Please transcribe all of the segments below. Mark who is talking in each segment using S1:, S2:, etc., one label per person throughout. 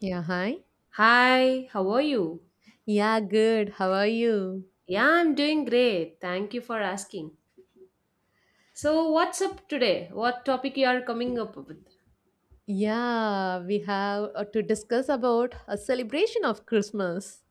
S1: Yeah, hi.
S2: Hi, how are you?
S1: Yeah, good. How are you?
S2: Yeah, I'm doing great. Thank you for asking. So, what's up today? What topic you are coming up with?
S1: Yeah, we have to discuss about a celebration of Christmas.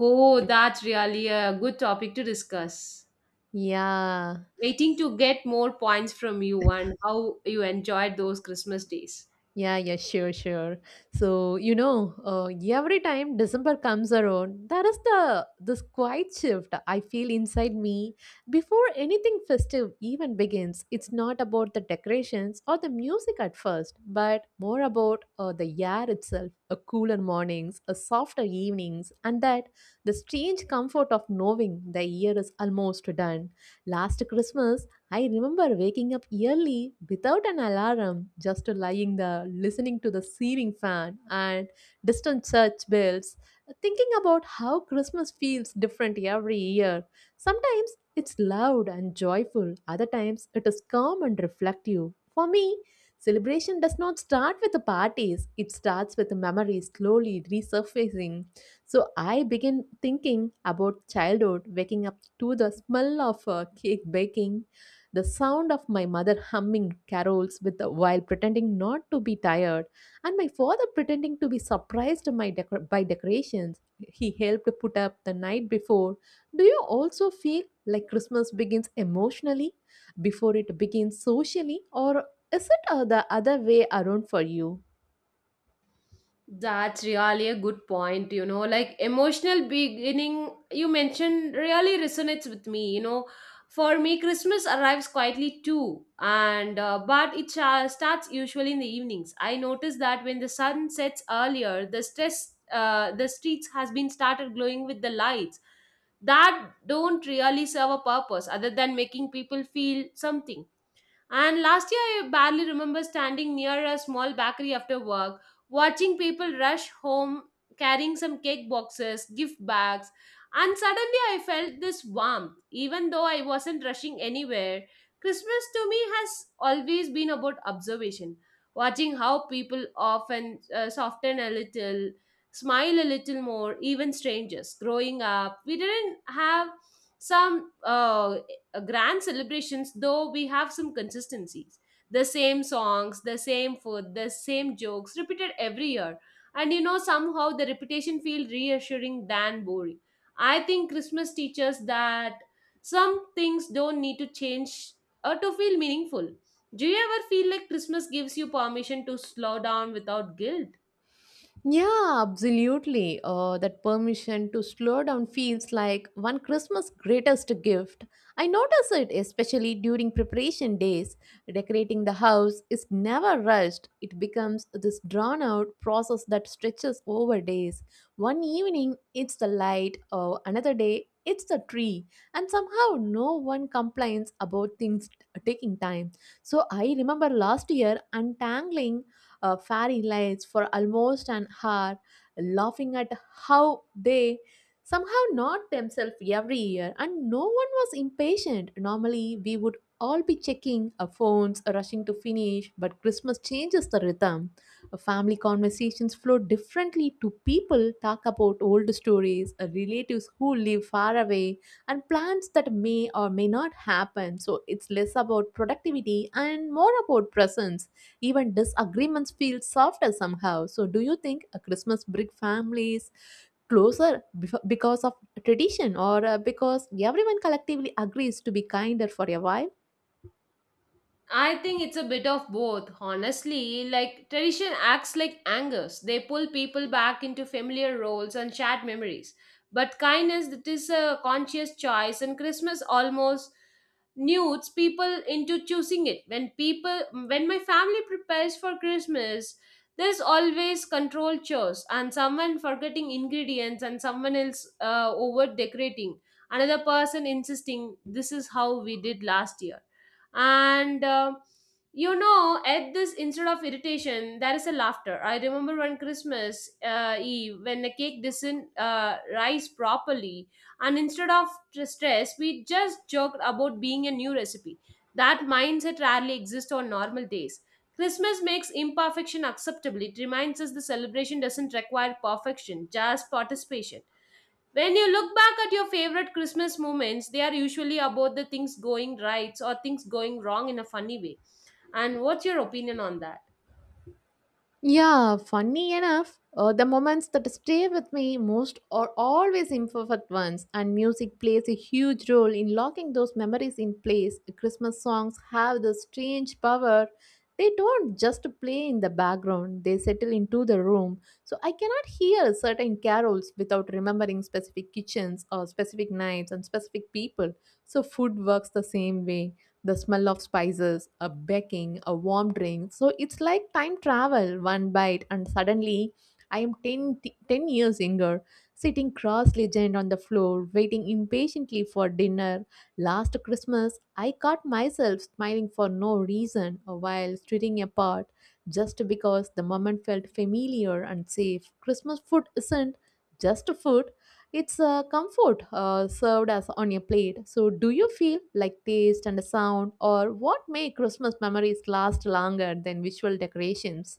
S2: Oh, that's really a good topic to discuss.
S1: Yeah.
S2: Waiting to get more points from you and how you enjoyed those Christmas days.
S1: Yeah, yeah, sure, sure. So, you know, every time December comes around, there is the this quiet shift I feel inside me before anything festive even begins. It's not about the decorations or the music at first, but more about the air itself, a cooler mornings, a softer evenings, and that the strange comfort of knowing the year is almost done. Last Christmas, I remember waking up early without an alarm, just lying there listening to the ceiling fan and distant church bells, thinking about how Christmas feels different every year. Sometimes it's loud and joyful, other times it is calm and reflective. For me, celebration does not start with the parties, it starts with the memories slowly resurfacing. So I begin thinking about childhood, waking up to the smell of cake baking the sound of my mother humming carols with while pretending not to be tired, and my father pretending to be surprised by decorations he helped put up the night before. Do you also feel like Christmas begins emotionally before it begins socially, or is it the other way around for you?
S2: That's really a good point. Like emotional beginning you mentioned really resonates with me. For me, Christmas arrives quietly too, and but it starts usually in the evenings. I notice that when the sun sets earlier, the streets has been started glowing with the lights that don't really serve a purpose other than making people feel something. And last year, I barely remember standing near a small bakery after work, watching people rush home carrying some cake boxes, gift bags, and suddenly I felt this warmth, even though I wasn't rushing anywhere. Christmas to me has always been about observation, watching how people often soften a little, smile a little more, even strangers. Growing up, we didn't have some grand celebrations, though we have some consistencies. The same songs, the same food, the same jokes repeated every year. And somehow the repetition feels reassuring than boring. I think Christmas teaches that some things don't need to change or to feel meaningful. Do you ever feel like Christmas gives you permission to slow down without guilt?
S1: Yeah, absolutely. That permission to slow down feels like one Christmas' greatest gift. I notice it especially during preparation days. Decorating the house is never rushed, it becomes this drawn out process that stretches over days. One evening, it's the light, or another day, it's the tree, and somehow no one complains about things taking time. So, I remember last year untangling fairy lights for almost an hour, laughing at how they somehow not themselves every year, and no one was impatient. Normally, we would all be checking our phones, rushing to finish, but Christmas changes the rhythm. Family conversations flow differently to people talk about old stories, relatives who live far away, and plans that may or may not happen. So it's less about productivity and more about presence. Even disagreements feel softer somehow. So, do you think a Christmas bring families closer because of tradition or because everyone collectively agrees to be kinder for a while?
S2: I think it's a bit of both, honestly. Like, tradition acts like anchors; they pull people back into familiar roles and shared memories. But kindness, that is a conscious choice, and Christmas almost nudes people into choosing it. When my family prepares for Christmas, there's always controlled chores and someone forgetting ingredients and someone else over decorating, another person insisting this is how we did last year, and at this, instead of irritation, there is a laughter. I remember one Christmas Eve when the cake doesn't rise properly, and instead of stress, we just joked about being a new recipe. That mindset rarely exists on normal days. Christmas makes imperfection acceptable. It reminds us the celebration doesn't require perfection, just participation. When you look back at your favorite Christmas moments, they are usually about the things going right or things going wrong in a funny way. And what's your opinion on that?
S1: Yeah, funny enough, the moments that stay with me most are always imperfect ones, and music plays a huge role in locking those memories in place. Christmas songs have this strange power. They don't just play in the background, they settle into the room. So I cannot hear certain carols without remembering specific kitchens or specific nights and specific people. So food works the same way the smell of spices, a baking, a warm drink. So it's like time travel, one bite, and suddenly I am 10, 10 years younger, sitting cross legged on the floor, waiting impatiently for dinner. Last Christmas, I caught myself smiling for no reason while stirring apart, just because the moment felt familiar and safe. Christmas food isn't just food, it's a comfort served as on your plate. So, do you feel like taste and sound, or what make Christmas memories last longer than visual decorations?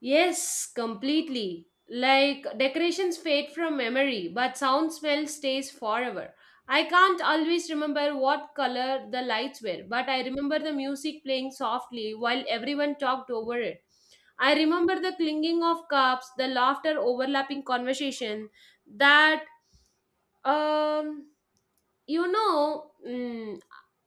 S2: Yes, completely. Like, decorations fade from memory, but sound smell stays forever. I can't always remember what color the lights were, but I remember the music playing softly while everyone talked over it. I remember the clinking of cups, the laughter overlapping conversation that um you know, mm,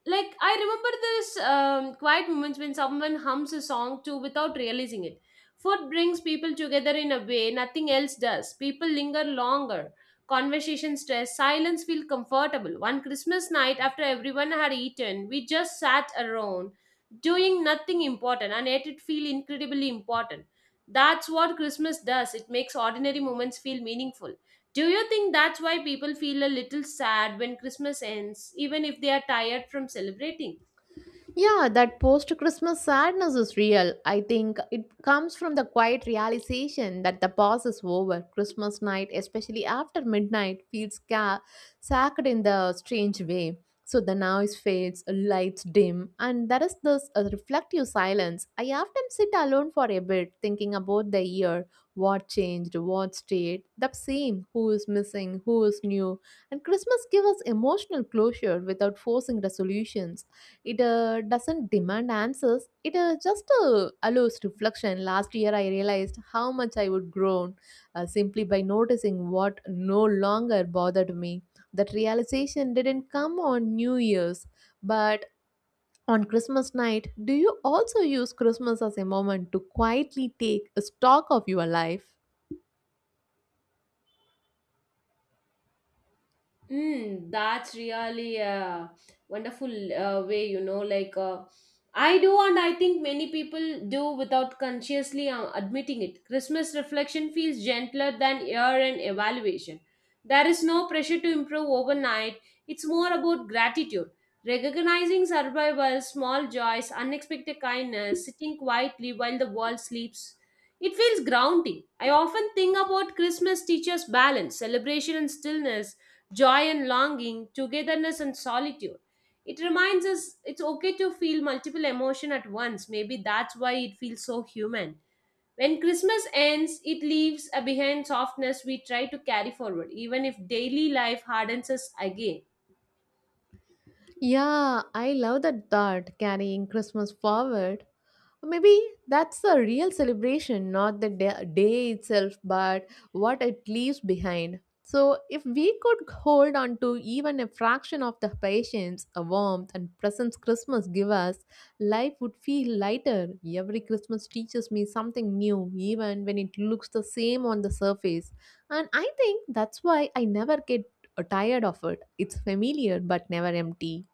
S2: like, I remember this quiet moments when someone hums a song too without realizing it. Food brings people together in a way nothing else does. People linger longer. Conversation stress, silence feel comfortable. One Christmas night after everyone had eaten, we just sat around doing nothing important, and yet it feel incredibly important. That's what Christmas does. It makes ordinary moments feel meaningful. Do you think that's why people feel a little sad when Christmas ends, even if they are tired from celebrating?
S1: Yeah, that post Christmas sadness is real. I think it comes from the quiet realization that the pause is over. Christmas night, especially after midnight, sacred in the strange way. So the noise fades, lights dim, and there is this reflective silence. I often sit alone for a bit, thinking about the year, what changed, what stayed, the same, who is missing, who is new. And Christmas gives us emotional closure without forcing resolutions. It doesn't demand answers. It just allows reflection. Last year, I realized how much I would grown simply by noticing what no longer bothered me. That realization didn't come on New Year's, but on Christmas night. Do you also use Christmas as a moment to quietly take a stock of your life?
S2: Mm, that's really a wonderful way, Like, I do, and I think many people do without consciously admitting it. Christmas reflection feels gentler than year-end evaluation. There is no pressure to improve overnight. It's more about gratitude, recognizing survival, small joys, unexpected kindness, sitting quietly while the world sleeps. It feels grounding. I often think about Christmas teaches balance, celebration, and stillness, joy and longing, togetherness and solitude. It reminds us it's okay to feel multiple emotion at once. Maybe that's why it feels so human. When Christmas ends, it leaves a behind softness we try to carry forward, even if daily life hardens us again.
S1: Yeah, I love that thought, carrying Christmas forward. Maybe that's the real celebration, not the day itself, but what it leaves behind. So, if we could hold on to even a fraction of the patience, a warmth, and presence Christmas give us, life would feel lighter. Every Christmas teaches me something new, even when it looks the same on the surface. And I think that's why I never get tired of it. It's familiar but never empty.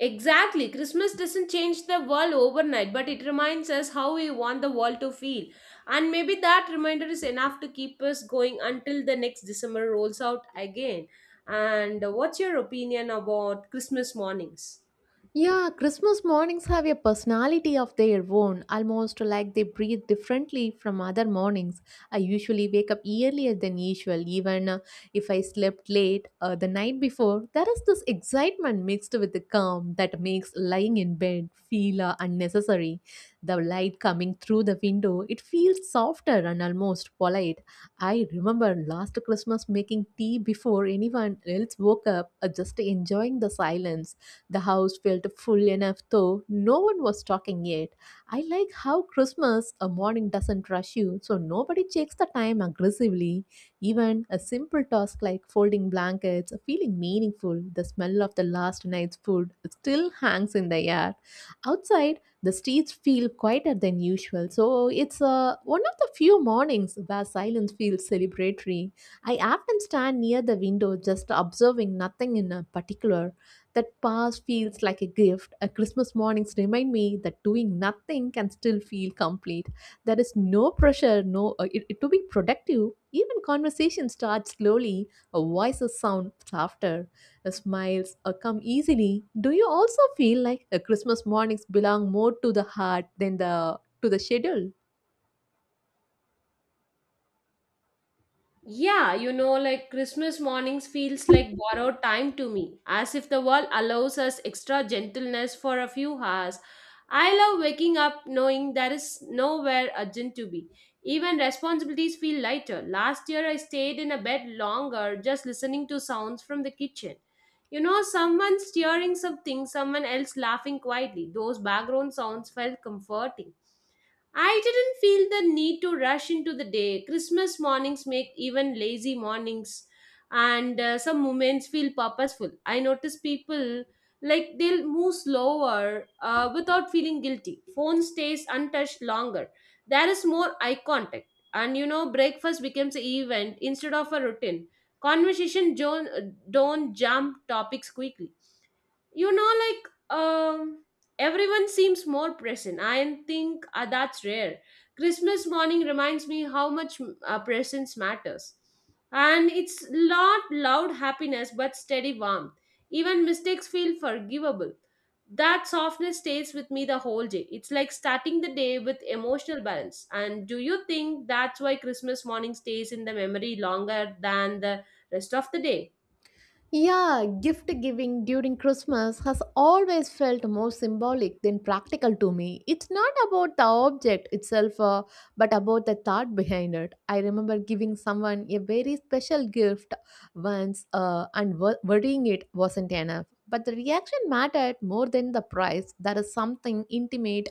S2: Exactly. Christmas doesn't change the world overnight, but it reminds us how we want the world to feel. And maybe that reminder is enough to keep us going until the next December rolls out again. And what's your opinion about Christmas mornings?
S1: Yeah, Christmas mornings have a personality of their own, almost like they breathe differently from other mornings. I usually wake up earlier than usual, even if I slept late the night before. There is this excitement mixed with the calm that makes lying in bed feel unnecessary. The light coming through the window, it feels softer and almost polite. I remember last Christmas making tea before anyone else woke up, just enjoying the silence. The house felt full enough, though no one was talking yet. I like how Christmas a morning doesn't rush you, so nobody checks the time aggressively. Even a simple task like folding blankets, feeling meaningful, the smell of the last night's food still hangs in the air. Outside, the streets feel quieter than usual, so it's one of the few mornings where silence feels celebratory. I often stand near the window just observing nothing in a particular that pause feels like a gift. A Christmas mornings remind me that doing nothing can still feel complete. There is no pressure, no it, it- to be productive. Even conversation starts slowly. A voices sound softer. A smiles come easily. Do you also feel like a Christmas mornings belong more to the heart than the to the schedule?
S2: Yeah, like, Christmas mornings feels like borrowed time to me, as if the world allows us extra gentleness for a few hours. I love waking up knowing there is nowhere urgent to be. Even responsibilities feel lighter. Last year I stayed in a bed longer just listening to sounds from the kitchen. Someone stirring something, someone else laughing quietly. Those background sounds felt comforting. I didn't feel the need to rush into the day. Christmas mornings make even lazy mornings and some moments feel purposeful. I notice people, like, they'll move slower without feeling guilty. Phone stays untouched longer. There is more eye contact. And breakfast becomes an event instead of a routine. Conversation don't jump topics quickly, like, everyone seems more present. I think, that's rare. Christmas morning reminds me how much presence matters, and it's not loud happiness but steady warmth. Even mistakes feel forgivable. That softness stays with me the whole day. It's like starting the day with emotional balance. And do you think that's why Christmas morning stays in the memory longer than the rest of the day?
S1: Yeah, gift giving during Christmas has always felt more symbolic than practical to me. It's not about the object itself, but about the thought behind it. I remember giving someone a very special gift once, and worrying it wasn't enough. But the reaction mattered more than the price. There is something intimate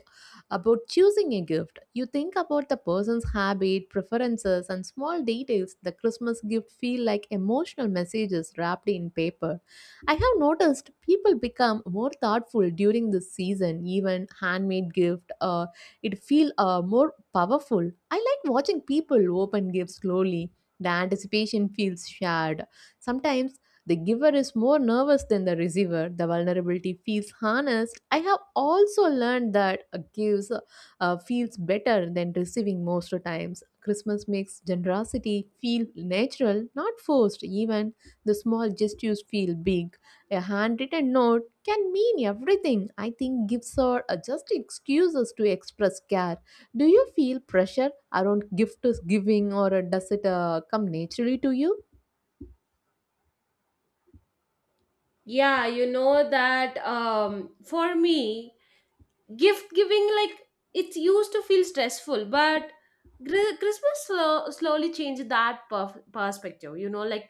S1: about choosing a gift, you think about the person's habit, preferences, and small details. The Christmas gift feel like emotional messages wrapped in paper. I have noticed people become more thoughtful during this season. Even handmade gift, it feel more powerful. I like watching people open gifts slowly. The anticipation feels shared. Sometimes the giver is more nervous than the receiver. The vulnerability feels harnessed. I have also learned that a gives feels better than receiving most times. Christmas makes generosity feel natural, not forced. Even the small gestures feel big. A handwritten note can mean everything. I think gifts are just excuses to express care. Do you feel pressure around gift giving, or does it come naturally to you?
S2: Yeah, you know that for me, gift giving, like, it used to feel stressful. But Christmas slowly changed that perspective, like,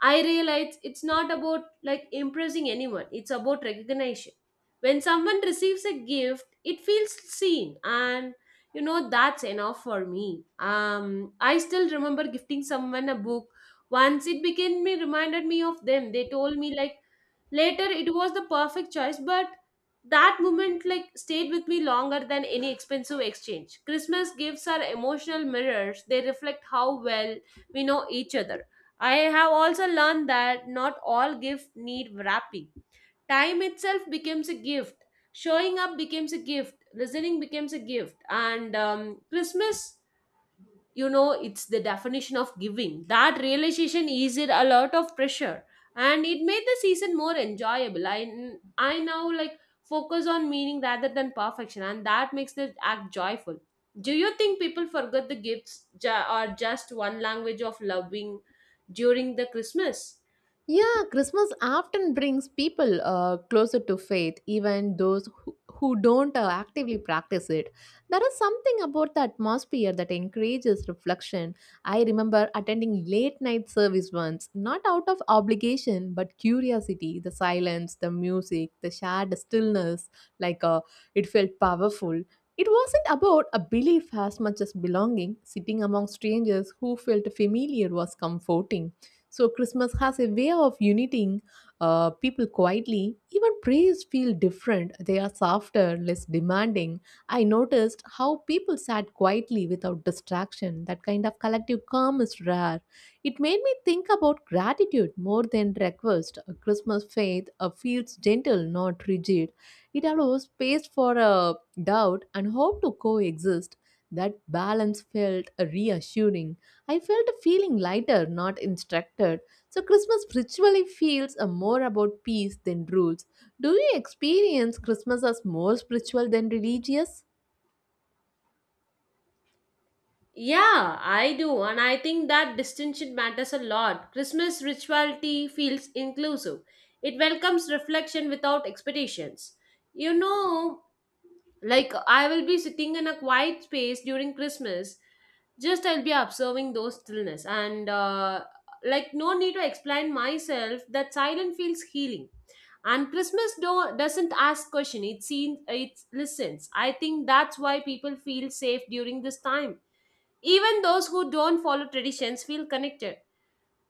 S2: I realized it's not about, like, impressing anyone. It's about recognition. When someone receives a gift, it feels seen, and that's enough for me. I still remember gifting someone a book once. It became me reminded me of them. They told me, like, later it was the perfect choice, but that moment, like, stayed with me longer than any expensive exchange. Christmas gifts are emotional mirrors. They reflect how well we know each other. I have also learned that not all gifts need wrapping. Time itself becomes a gift. Showing up becomes a gift. Listening becomes a gift. And Christmas, it's the definition of giving. That realization eased a lot of pressure, and it made the season more enjoyable. I now, like, focus on meaning rather than perfection, and that makes the act joyful. Do you think people forget the gifts, or just one language of loving during the Christmas?
S1: Yeah, Christmas often brings people closer to faith, even those who don't actively practice it. There is something about the atmosphere that encourages reflection. I remember attending late night service once, not out of obligation but curiosity. The silence, the music, the shared stillness, like uh, it felt powerful. It wasn't about a belief as much as belonging. Sitting among strangers who felt familiar was comforting. So Christmas has a way of uniting people quietly. Even prayers feel different. They are softer, less demanding. I noticed how people sat quietly without distraction. That kind of collective calm is rare. It made me think about gratitude more than request. A Christmas faith feels gentle, not rigid. It allows space for doubt and hope to coexist. That balance felt reassuring. I felt feeling lighter, not instructed. So Christmas spiritually feels a more about peace than rules. Do you experience Christmas as more spiritual than religious?
S2: Yeah, I do, and I think that distinction matters a lot. Christmas rituality feels inclusive, it welcomes reflection without expectations. You know, like, I will be sitting in a quiet space during Christmas, just I'll be observing those stillness, and like, no need to explain myself. That silence feels healing. And Christmas doesn't ask question; it seems it listens. I think that's why people feel safe during this time, even those who don't follow traditions feel connected.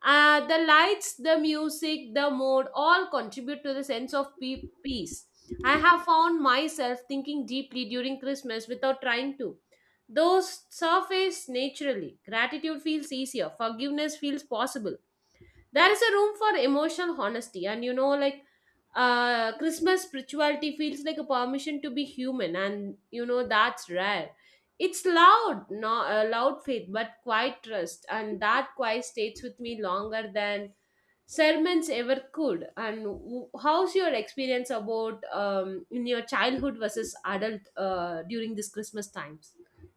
S2: The lights, the music, the mood all contribute to the sense of peace. I have found myself thinking deeply during Christmas without trying to. Those surface naturally. Gratitude feels easier, forgiveness feels possible, there is a room for emotional honesty, and like, Christmas spirituality feels like a permission to be human, and that's rare. It's loud, no, loud faith, but quiet trust, and that quiet stays with me longer than sermons ever could. And how's your experience about in your childhood versus adult during this Christmas times?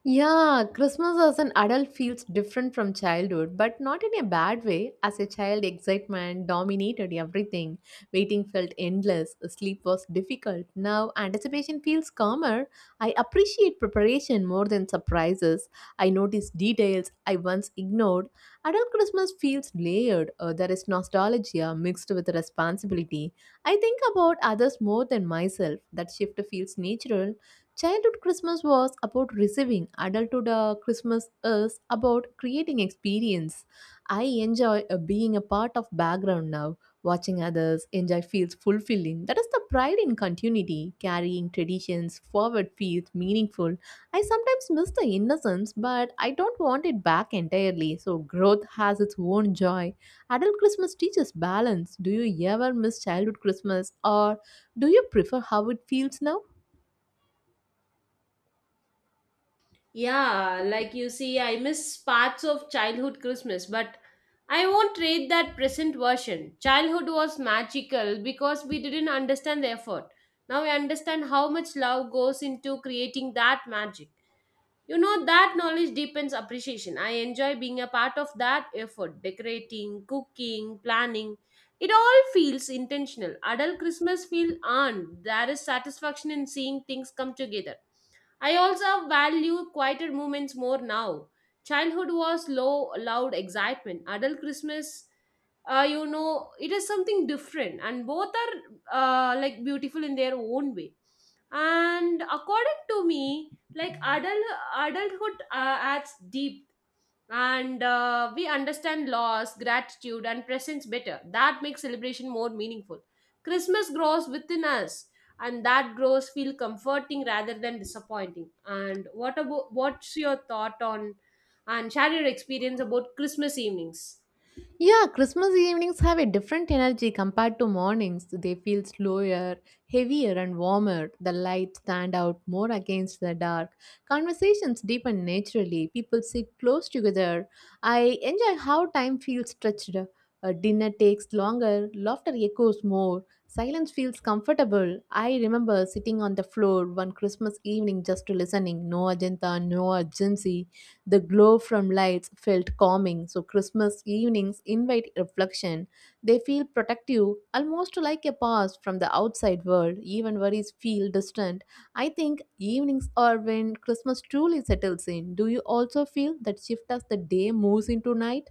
S1: Yeah, Christmas as an adult feels different from childhood, but not in a bad way. As a child, excitement dominated everything. Waiting felt endless, sleep was difficult. Now, anticipation feels calmer. I appreciate preparation more than surprises. I notice details I once ignored. Adult Christmas feels layered. There is nostalgia mixed with responsibility. I think about others more than myself. That shift feels natural. Childhood Christmas was about receiving, adulthood Christmas is about creating experience. I enjoy being a part of background now. Watching others enjoy feels fulfilling. That is the pride in continuity. Carrying traditions forward feels meaningful. I sometimes miss the innocence, but I don't want it back entirely. So growth has its own joy. Adult Christmas teaches balance. Do you ever miss childhood Christmas or do you prefer how it feels now?
S2: Yeah, like you see, I miss parts of childhood Christmas, but I won't trade that present version. Childhood was magical because we didn't understand the effort. Now I understand how much love goes into creating that magic. That knowledge deepens appreciation. I enjoy being a part of that effort, decorating, cooking, planning. It all feels intentional. Adult Christmas feel earned. There is satisfaction in seeing things come together. I also value quieter moments more now. Childhood was loud excitement. Adult Christmas, it is something different, and both are like, beautiful in their own way. And according to me, like, adulthood adds deep, and we understand loss, gratitude, and presence better. That makes celebration more meaningful. Christmas grows within us, and that grows feel comforting rather than disappointing. And what's your thought on, and share your experience about Christmas evenings?
S1: Yeah, Christmas evenings have a different energy compared to mornings. They feel slower, heavier, and warmer. The lights stand out more against the dark. Conversations deepen naturally. People sit close together. I enjoy how time feels stretched. A dinner takes longer, laughter echoes more, silence feels comfortable. I remember sitting on the floor one Christmas evening just listening, no agenda, no urgency. The glow from lights felt calming, so Christmas evenings invite reflection. They feel protective, almost like a pause from the outside world. Even worries feel distant. I think evenings are when Christmas truly settles in. Do you also feel that shift as the day moves into night?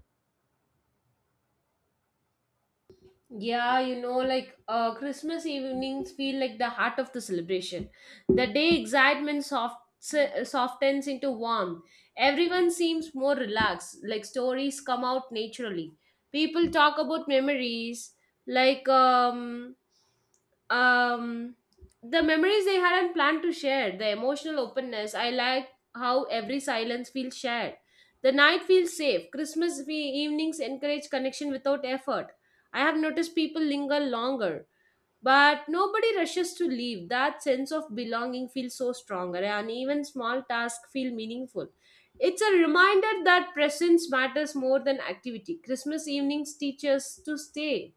S2: Yeah, like, Christmas evenings feel like the heart of the celebration. The day excitement softens into warmth. Everyone seems more relaxed, like, stories come out naturally. People talk about memories, like, um, the memories they hadn't planned to share, the emotional openness. I like how every silence feels shared. The night feels safe. Christmas evenings encourage connection without effort. I have noticed people linger longer, but nobody rushes to leave. That sense of belonging feels so stronger, and even small tasks feel meaningful. It's a reminder that presence matters more than activity. Christmas evenings teach us to stay.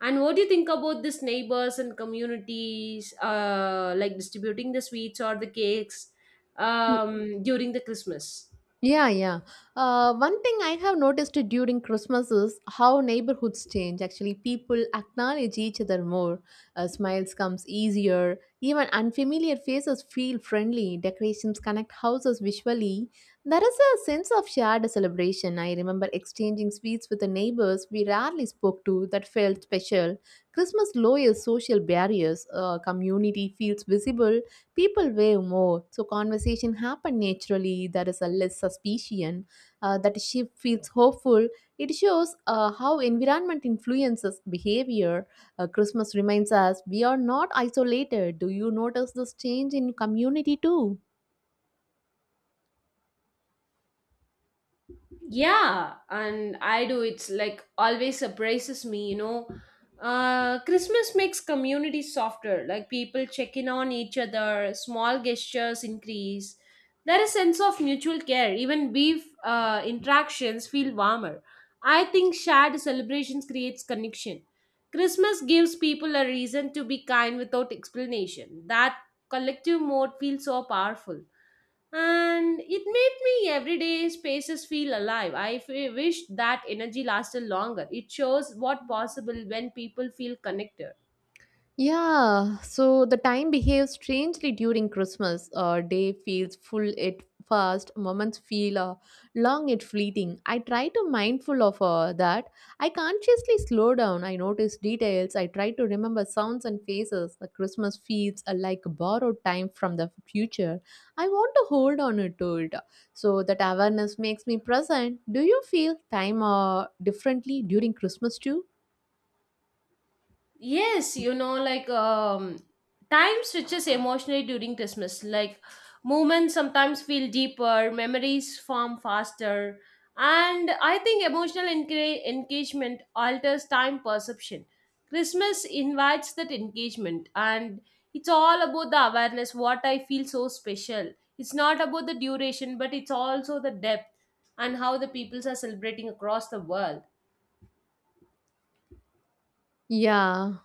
S2: And what do you think about this neighbors and communities, like distributing the sweets or the cakes during the Christmas?
S1: Yeah, yeah. One thing I have noticed during Christmas is how neighborhoods change. Actually, people acknowledge each other more. Smiles comes easier. Even unfamiliar faces feel friendly. Decorations connect houses visually. There is a sense of shared celebration. I remember exchanging sweets with the neighbors we rarely spoke to that felt special. Christmas lowers social barriers. Community feels visible, people wave more, so conversation happen naturally, there is a less suspicion, that she feels hopeful. It shows how environment influences behavior. Christmas reminds us we are not isolated. Do you notice this change in community too?
S2: Yeah, and I do. It's like always surprises me, you know. Christmas makes community softer. Like people check in on each other, small gestures increase. There is sense of mutual care. Even brief interactions feel warmer. I think shared celebrations creates connection. Christmas gives people a reason to be kind without explanation. That collective mode feels so powerful, and it made me everyday spaces feel alive. Wish that energy lasted longer. It shows what possible when people feel connected.
S1: Yeah, so the time behaves strangely during Christmas. Day feels full it fast, moments feel long it fleeting. I try to mindful of that. I consciously slow down. I notice details. I try to remember sounds and faces. The Christmas feels like borrowed time from the future. I want to hold on it to it. So that awareness makes me present. Do you feel time differently during Christmas too?
S2: Yes, you know, like time switches emotionally during Christmas. Like moments sometimes feel deeper, memories form faster, and I think emotional engagement alters time perception. Christmas invites that engagement, and it's all about the awareness. What I feel so special. It's not about the duration, but it's also the depth and how the peoples are celebrating across the world.
S1: Yeah,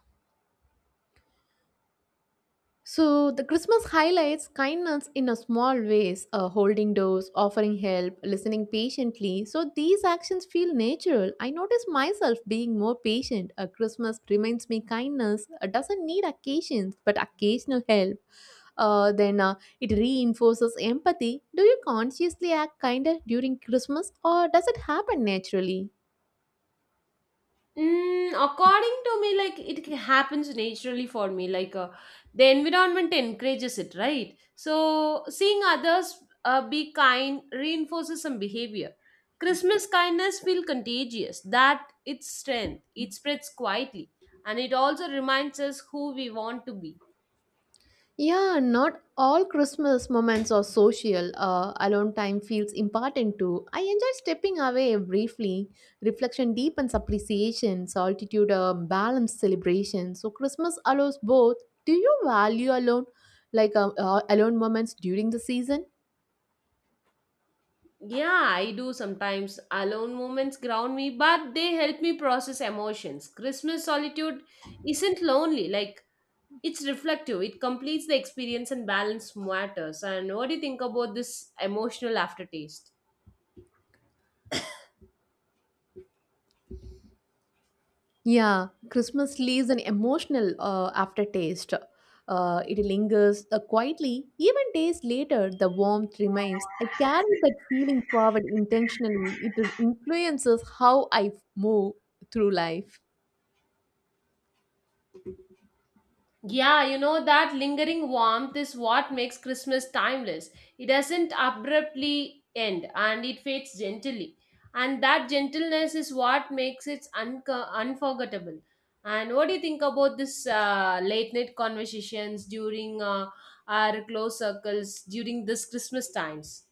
S1: so the Christmas highlights kindness in a small ways, holding doors, offering help, listening patiently. So these actions feel natural. I notice myself being more patient. A Christmas reminds me kindness doesn't need occasions, but occasional help. Then it reinforces empathy. Do you consciously act kinder during Christmas, or does it happen naturally?
S2: Mm, according to me, like it happens naturally for me. Like the environment encourages it, right? So seeing others be kind reinforces some behavior. Christmas kindness feels contagious. That its strength. It spreads quietly, and it also reminds us who we want to be.
S1: Yeah, not all Christmas moments are social. Alone time feels important too. I enjoy stepping away briefly. Reflection deepens appreciation, solitude balanced celebration. So Christmas allows both. Do you value alone, like alone moments during the season?
S2: Yeah, I do sometimes. Alone moments ground me, but they help me process emotions. Christmas solitude isn't lonely. Like it's reflective, it completes the experience and balance matters. And what do you think about this emotional aftertaste?
S1: Yeah, Christmas leaves an emotional aftertaste. It lingers quietly. Even days later, the warmth remains. I carry that feeling forward intentionally. It influences how I move through life.
S2: Yeah, you know, that lingering warmth is what makes Christmas timeless. It doesn't abruptly end and it fades gently. And that gentleness is what makes it unforgettable. And what do you think about this late night conversations during our close circles during this Christmas times?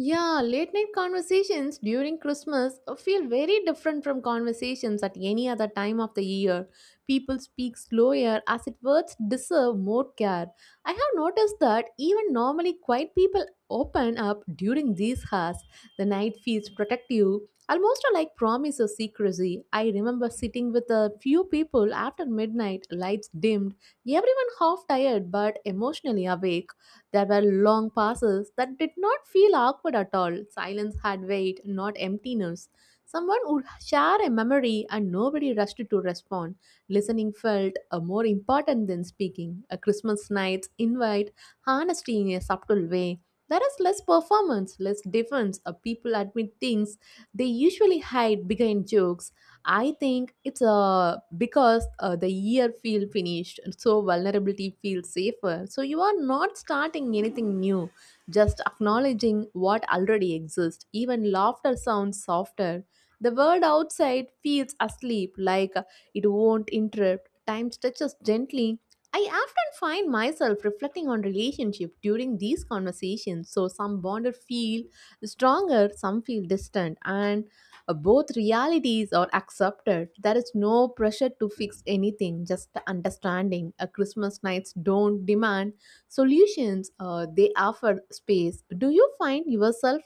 S1: Yeah, late night conversations during Christmas feel very different from conversations at any other time of the year. People speak slower as if words deserve more care. I have noticed that even normally quiet people open up during these hours. The night feels protective, almost like promise of secrecy. I remember sitting with a few people after midnight, lights dimmed, everyone half tired but emotionally awake. There were long pauses that did not feel awkward at all. Silence had weight, not emptiness. Someone would share a memory and nobody rushed to respond. Listening felt more important than speaking. A Christmas night's invite honesty in a subtle way. There is less performance, less defense. People admit things they usually hide behind jokes. I think it's because the year feel finished, so vulnerability feels safer. So you are not starting anything new, just acknowledging what already exists. Even laughter sounds softer. The world outside feels asleep, like it won't interrupt. Time stretches gently. I often find myself reflecting on relationship during these conversations. So some bonded feel stronger, some feel distant, and both realities are accepted. There is no pressure to fix anything, just understanding. A Christmas nights don't demand solutions; they offer space. Do you find yourself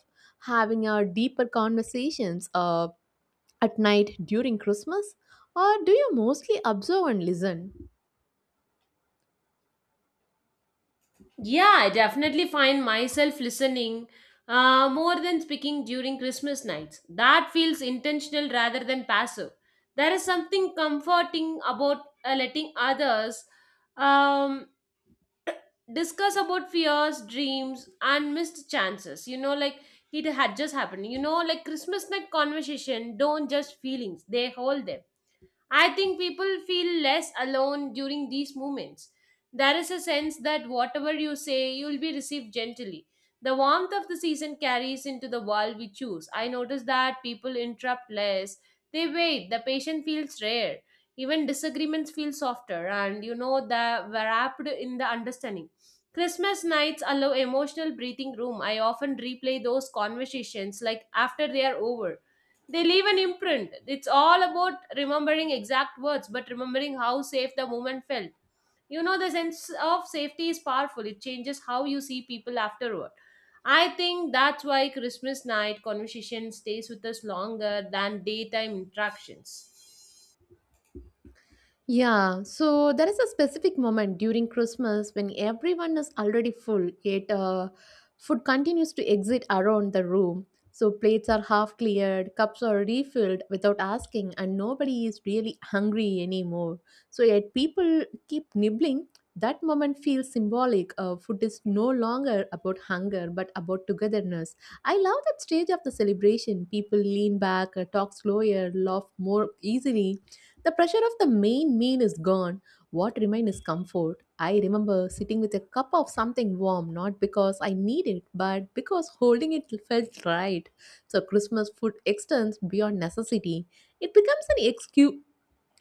S1: having a deeper conversations at night during Christmas, or do you mostly observe and listen?
S2: Yeah, I definitely find myself listening more than speaking during Christmas nights. That feels intentional rather than passive. There is something comforting about letting others um, discuss about fears, dreams, and missed chances. You know, like it had just happened. You know, like Christmas night conversation don't just feelings; they hold them. I think people feel less alone during these moments. There is a sense that whatever you say, you will be received gently. The warmth of the season carries into the world we choose. I notice that people interrupt less. They wait. The patient feels rare. Even disagreements feel softer, and you know that wrapped in the understanding. Christmas nights allow emotional breathing room. I often replay those conversations like after they are over they leave an imprint. It's all about remembering exact words, but remembering how safe the moment felt. You know, the sense of safety is powerful. It changes how you see people afterward. I think that's why Christmas night conversation stays with us longer than daytime interactions.
S1: Yeah, so there is a specific moment during Christmas when everyone is already full, yet food continues to exit around the room. So plates are half cleared, cups are refilled without asking, and nobody is really hungry anymore. So yet people keep nibbling. That moment feels symbolic. Food is no longer about hunger but about togetherness. I love that stage of the celebration. People lean back, talk slower, laugh more easily, the pressure of the main meal is gone. What remains is comfort. I remember sitting with a cup of something warm, not because I need it, but because holding it felt right. So Christmas food extends beyond necessity. It becomes an excuse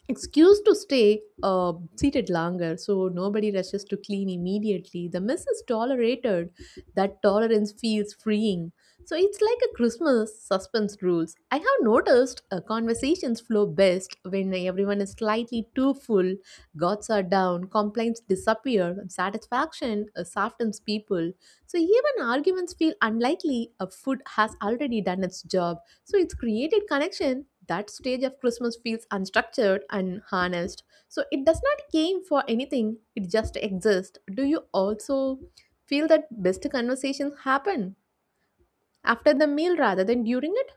S1: excuse to stay seated longer, so nobody rushes to clean immediately, the mess is tolerated. That tolerance feels freeing. So it's like a Christmas suspense rules. I have noticed conversations flow best when everyone is slightly too full. Guards are down, complaints disappear, and satisfaction softens people. So even arguments feel unlikely, a food has already done its job. So it's created connection. That stage of Christmas feels unstructured and harnessed. So it does not aim for anything, it just exists. Do you also feel that best conversations happen after the meal rather than during it?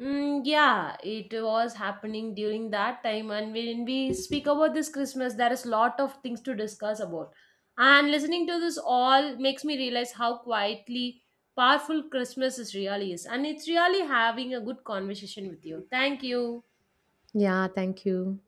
S2: Mm, yeah, it was happening during that time, and when we speak about this Christmas, there is lot of things to discuss about. And listening to this all makes me realize how quietly powerful Christmas is really is, and it's really having a good conversation with you. Thank you.
S1: Yeah, thank you.